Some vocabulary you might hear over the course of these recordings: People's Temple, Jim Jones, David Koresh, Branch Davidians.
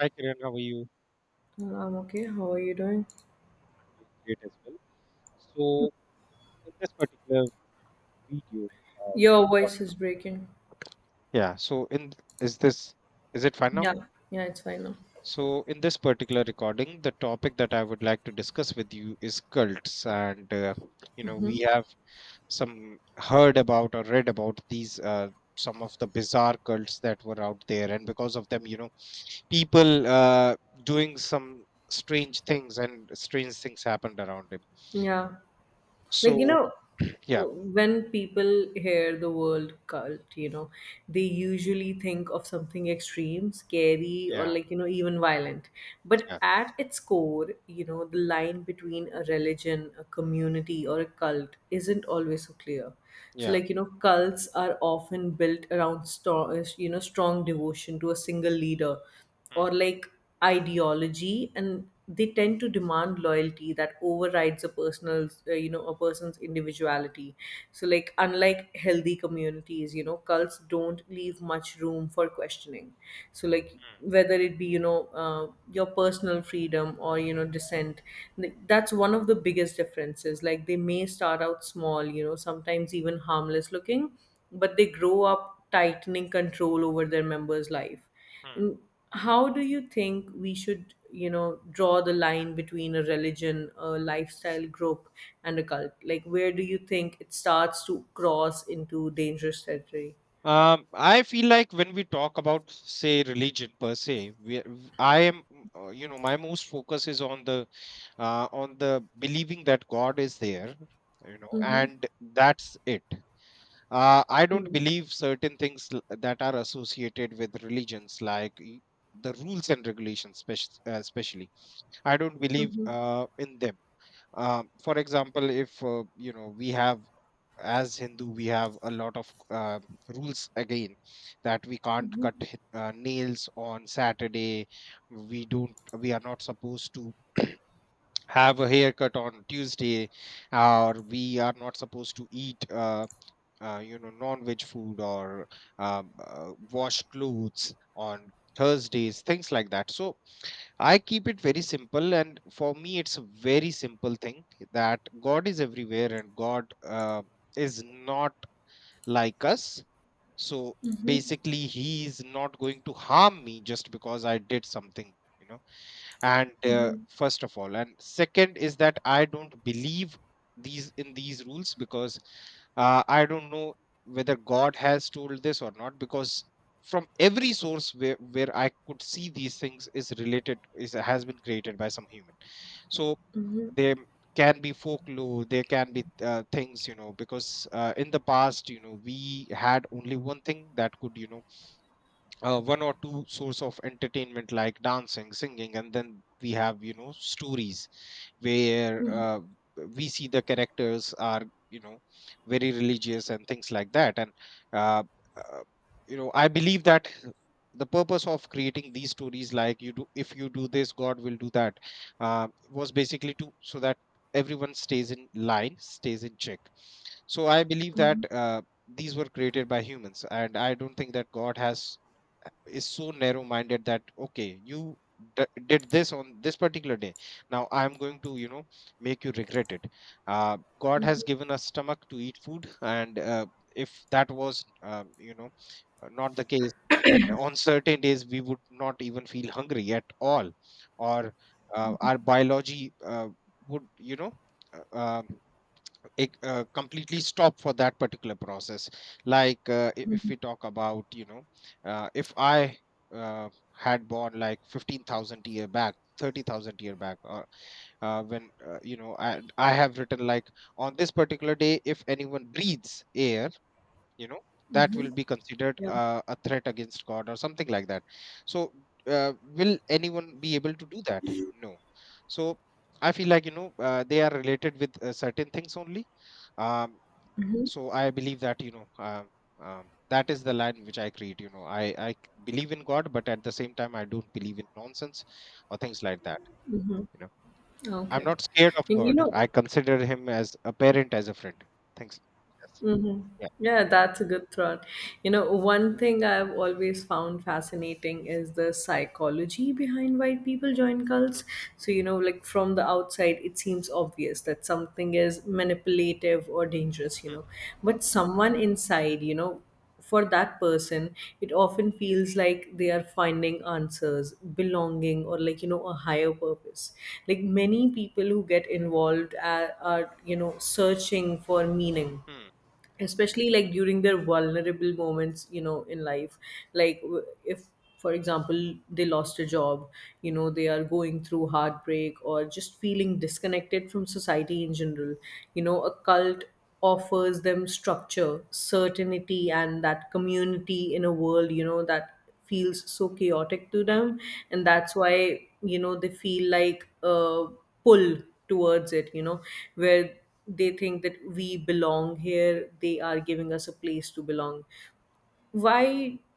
Hi Kiran, how are you? Well, I'm okay. How are you doing? Doing great as well. So in this particular video, the, Your uh, voice is breaking. yeah. So in is this is it fine now? Yeah, yeah, it's fine now. So in this particular recording, the topic that I would like to discuss with you is cults, and we Hmm. have some heard about or read about these some of the bizarre cults that were out there, and because of them, people doing some strange things and strange things happened around him. Yeah, like you So know, yeah, uh, when people hear the word cult, they usually think of something extreme, scary, or yeah, even violent. But yeah. at its core, the line between a religion, a community, or a cult isn't always so clear. So, Yeah. Cults are often built around strong, strong devotion to a single leader Mm, or like ideology, and they tend to demand loyalty that overrides a person's a person's individuality. So like, unlike healthy communities, cults don't leave much room for questioning, so like mm, whether it be your personal freedom or dissent. That's one of the biggest differences. Like, they may start out small, sometimes even harmless looking, but they grow up tightening control over their members' life. mm. And how do you think we should, draw the line between a religion, a lifestyle group, and a cult? Like, where do you think it starts to cross into dangerous territory? I feel like when we talk about, say, religion per se, I am, my most focus is on the believing that God is there, you know, Mm-hmm. and that's it. I don't believe certain things that are associated with religions, the rules and regulations, especially. I don't believe Mm-hmm. In them. For example, if we have, as Hindu, we have a lot of rules again, that we can't cut nails on Saturday. We don't. We are not supposed to have a haircut on Tuesday, or we are not supposed to eat, non-veg food or wash clothes on Thursdays, things like that. So I keep it very simple, and for me, it's a very simple thing that God is everywhere, and God is not like us. So basically, he is not going to harm me just because I did something, you know. And first of all, and second is that I don't believe these in these rules because I don't know whether God has told this or not, because from every source where I could see, these things is related is has been created by some human. So they can be folklore. They can be things, you know, because in the past, you know, we had only one thing that could, you know, one or two source of entertainment, like dancing, singing, and then we have, you know, stories where we see the characters are, you know, very religious and things like that. And uh, uh, I believe that the purpose of creating these stories, like you do, if you do this, god will do that, was basically to, so that everyone stays in line, stays in check. So I believe that these were created by humans, and I don't think that god has is so narrow minded that okay, you did this on this particular day, now I'm going to, you know, make you regret it. God has given us stomach to eat food, and if that was, not the case, then on certain days we would not even feel hungry at all, or our biology would, you know, uh, uh, completely stop for that particular process. Like if we talk about, you know, if i uh, had born like 15,000 year back, 30,000 year back, or when I have written, like, on this particular day, if anyone breathes air, you know, that will be considered Yeah. A threat against god or something like that. So uh, will anyone be able to do that? No. So I feel like, you know, they are related with certain things only. um, so I believe that, you know, that is the line which I create, you know. I believe in god, but at the same time, I don't believe in nonsense or things like that, you know. I'm Okay. not scared of And you god, know, I consider him as a parent, as a friend. Thanks. Yes. mm-hmm. Yeah. Yeah, that's a good thought. You know, one thing I've always found fascinating is the psychology behind why people join Hmm, cults. So, you know, like from the outside, it seems obvious that something is manipulative or dangerous, you hmm, know. But someone inside, you know, for that person, it often feels like they are finding answers, belonging, or like, you know, a higher purpose. Like, many people who get involved are searching for meaning, hmm, hmm. especially like during their vulnerable moments in life. Like, if for example they lost a job, they are going through heartbreak or just feeling disconnected from society in general. You know, a cult offers them structure, certainty, and that community in a world, you know, that feels so chaotic to them. And that's why, you know, they feel like a pull towards it, you know, where they think that we belong here, they are giving us a place to belong. Why,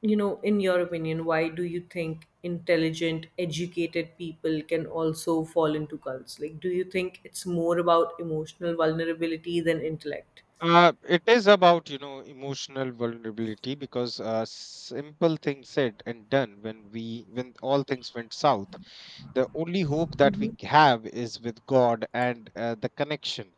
you know, in your opinion, why do you think intelligent, educated people can also fall into cults? Like, do you think it's more about emotional vulnerability than intellect? It is about, you know, emotional vulnerability, because simple thing said and done, when all things went south, the only hope that we have is with God, and the connection,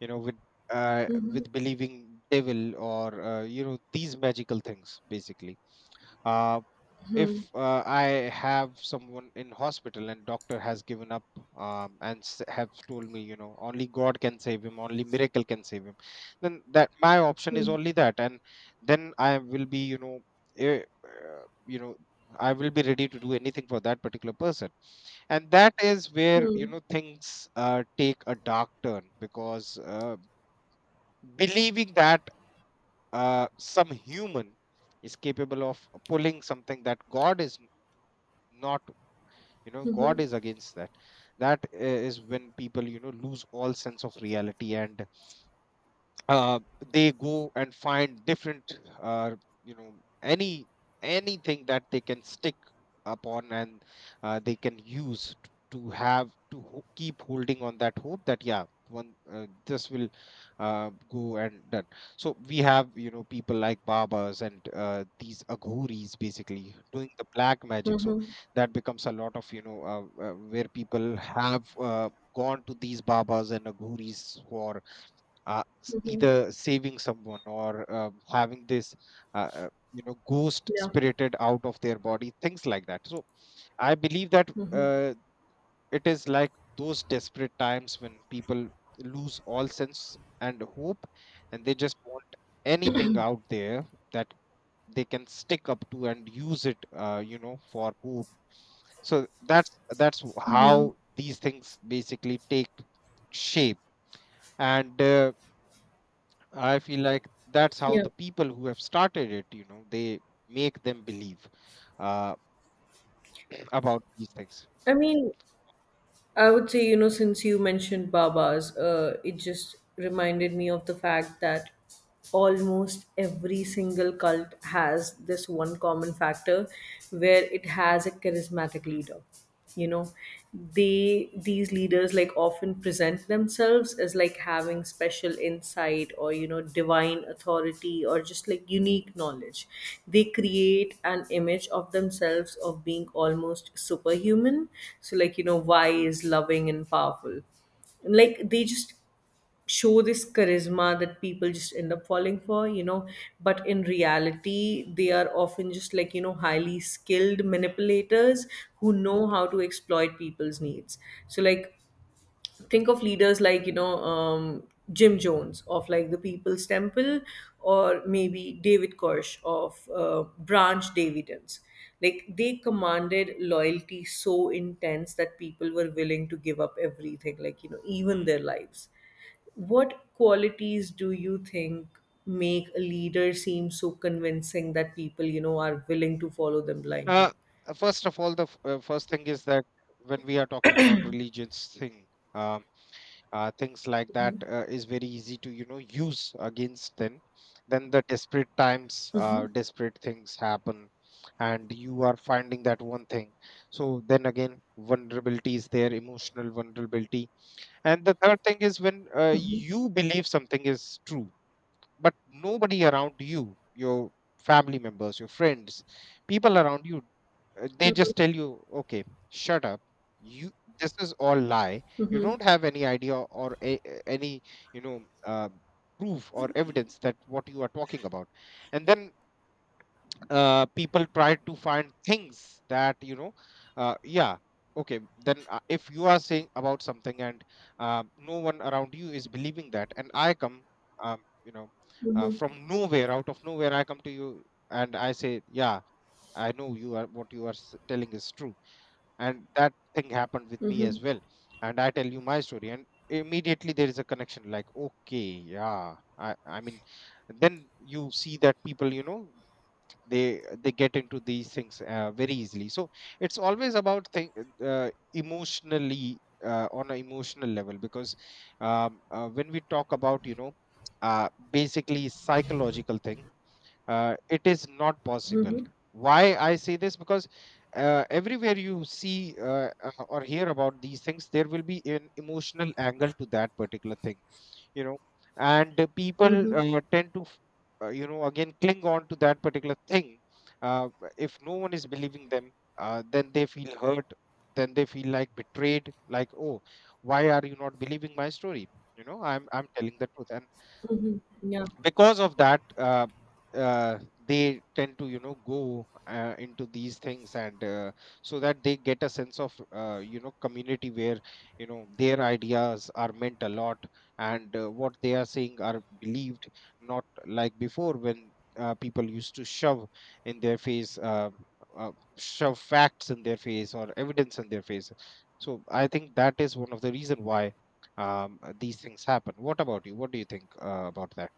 you know, Mhm. with believing devil, or you know, these magical things basically. Uh, if I have someone in hospital and doctor has given up, and have told me, you know, only God can save him, only miracle can save him, then that my option is Mhm. only that, and then I will be, you know, I will be ready to do anything for that particular person. And that is where, you Mhm. know, things take a dark turn, because believing that some human is capable of pulling something that God is n- not, you know, god is against that, that is when people, you know, lose all sense of reality. And uh, they go and find different, you know any, anything that they can stick upon, and they can use to keep holding on that hope that yeah, one, this will go and done. So we have, you know, people like babas, and these aghuris basically doing the black magic. So Mhm. that becomes a lot of, you know, where people have gone to these babas and aghuris for Mhm. either saving someone or having this ghost Yeah. spirited out of their body, things like that. So I believe that uh, it is like those desperate times when people lose all sense and hope, and they just want anything out there that they can stick up to and use it, you know, for hope. So that's Mhm. how these things basically take shape. And I feel like that's how Yeah. the people who have started it, you know, they make them believe uh, about these things. I mean, I would say, you know, since you mentioned Babas, it just reminded me of the fact that almost every single cult has this one common factor where it has a charismatic leader. You know, they these leaders like often present themselves as like having special insight, or you know, divine authority, or just like unique knowledge. They create an image of themselves of being almost superhuman, so like, you know, wise, loving, and powerful. And like, they just show this charisma that people just end up falling for, you know. But in reality, they are often just like, you know, highly skilled manipulators who know how to exploit people's needs. So like, think of leaders like, Jim Jones of like the People's Temple, or maybe David Koresh of Branch Davidians. Like, they commanded loyalty so intense that people were willing to give up everything, like, you know, even Hmm. their lives. What qualities do you think make a leader seem so convincing that people, you know, are willing to follow them blindly? Uh, First of all, first thing is that when we are talking about religions thing, um, things like that Mm-hmm. Is very easy to, you know, use against them. Then the desperate times, desperate things happen, and you are finding that one thing. So then again, vulnerability is there, emotional vulnerability. And the third thing is when, Mm-hmm. you believe something is true, but nobody around you, your family members, your friends, people around you, they just tell you, okay, shut up. You, this is all lie. You don't have any idea or any, you know, proof or evidence that what you are talking about. And then people try to find things that, you know, yeah, okay, then if you are saying about something, and no one around you is believing that, and I come, you know, from nowhere, out of nowhere, I come to you and I say, yeah, I know you are, what you are telling is true, and that thing happened with me as well. And I tell you my story, and immediately there is a connection, like, okay, yeah, i mean, then you see that people, you know, they get into these things very easily. So it's always about thing emotionally, on an emotional level, because when we talk about, you know, basically psychological thing, it is not possible. Why I say this? Because everywhere you see or hear about these things, there will be an emotional angle to that particular thing, you know. And the people Mm-hmm. Tend to you know, again cling on to that particular thing. uh, if no one is believing them, then they feel hurt, then they feel like betrayed, like, oh, why are you not believing my story? You know, i'm telling the truth. And Mm-hmm. Yeah. because of that uh, they tend to, you know, go into these things, and so that they get a sense of, you know, community, where, you know, their ideas are meant a lot, and what they are saying are believed, not like before, when people used to shove in their face, shove facts in their face or evidence in their face. So I think that is one of the reason why, these things happen. What about you, what do you think about that?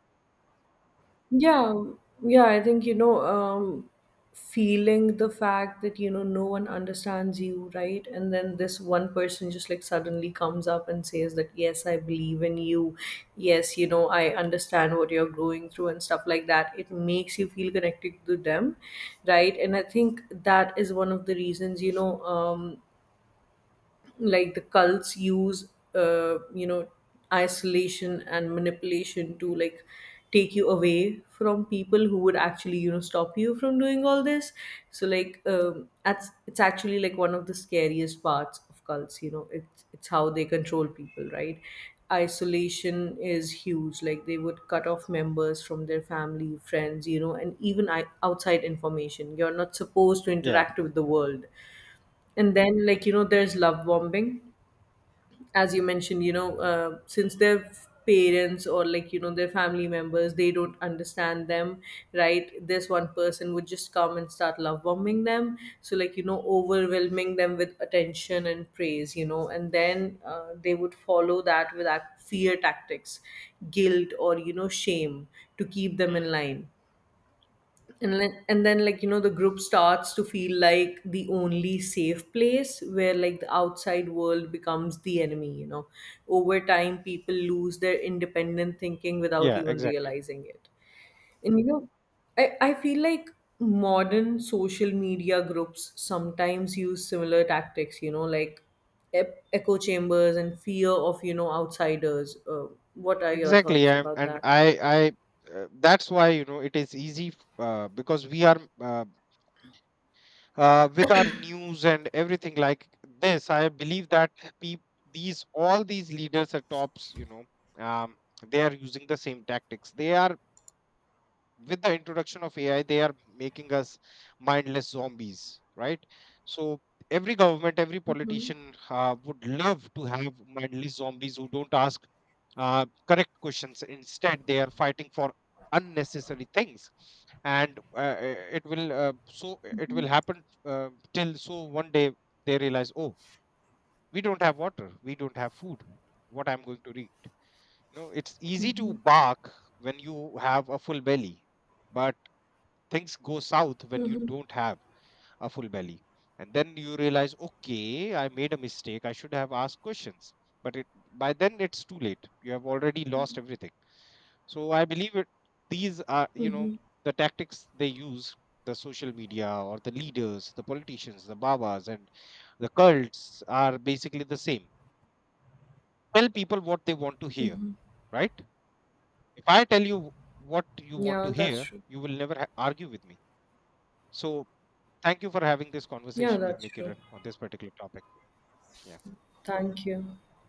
Yeah, yeah, I think, feeling the fact that, you know, no one understands you, right? And then this one person just like suddenly comes up and says that, yes, I believe in you. Yes, you know, I understand what you're going through and stuff like that. It makes you feel connected to them, right? And I think that is one of the reasons, like the cults use uh, you know isolation and manipulation to like take you away from people who would actually, you know, stop you from doing all this. So like, um, that's, it's actually like one of the scariest parts of cults, you know. It's how they control people, right? Isolation is huge. Like, they would cut off members from their family, friends, you know, and even outside information. You're not supposed to Yeah. interact with the world. And then, like, you know, there's Hmm. love bombing, as you mentioned, you know. Since their parents, or like, you know, their family members, they don't understand them, right? This one person would just come and start love bombing them, so like, you know, overwhelming them with attention and praise, you know. And then, they would follow that with fear tactics, guilt, or you know, shame to keep them Hmm. in line. And then, like, you know, the group starts to feel like the only safe place, where like the outside world becomes the enemy, you know. Over time, people lose their independent thinking without Yeah, even exactly. realizing it. And you know, I feel like modern social media groups sometimes use similar tactics, you know, like echo chambers and fear of, you know, outsiders. What are your Exactly. thoughts I'm, about and that? I, That's why, you know, it is easy, because we are, with our news and everything like this. I believe that peop these, all these leaders at tops, you know, um, they are using the same tactics. They are, with the introduction of AI, they are making us mindless zombies, right? So every government, every politician would love to have mindless zombies who don't ask correct questions. Instead, they are fighting for unnecessary things, and it will so it will happen till one day they realize, oh, we don't have water, we don't have food. What I'm going to eat? You know, it's easy to Hmm. bark when you have a full belly, but things go south when you Hmm. don't have a full belly. And then you realize, okay, I made a mistake, I should have asked questions, but it, by then it's too late, you have already lost everything. So I believe it, these are, you know, the tactics they use. The social media, or the leaders, the politicians, the babas, and the cults are basically the same. Tell people what they want to hear, right? If I tell you what you want Yeah, to that's hear, true. you will never argue with me. So thank you for having this Yeah, conversation with that's me, true. Kiran, on this particular topic. Yeah. Thank you.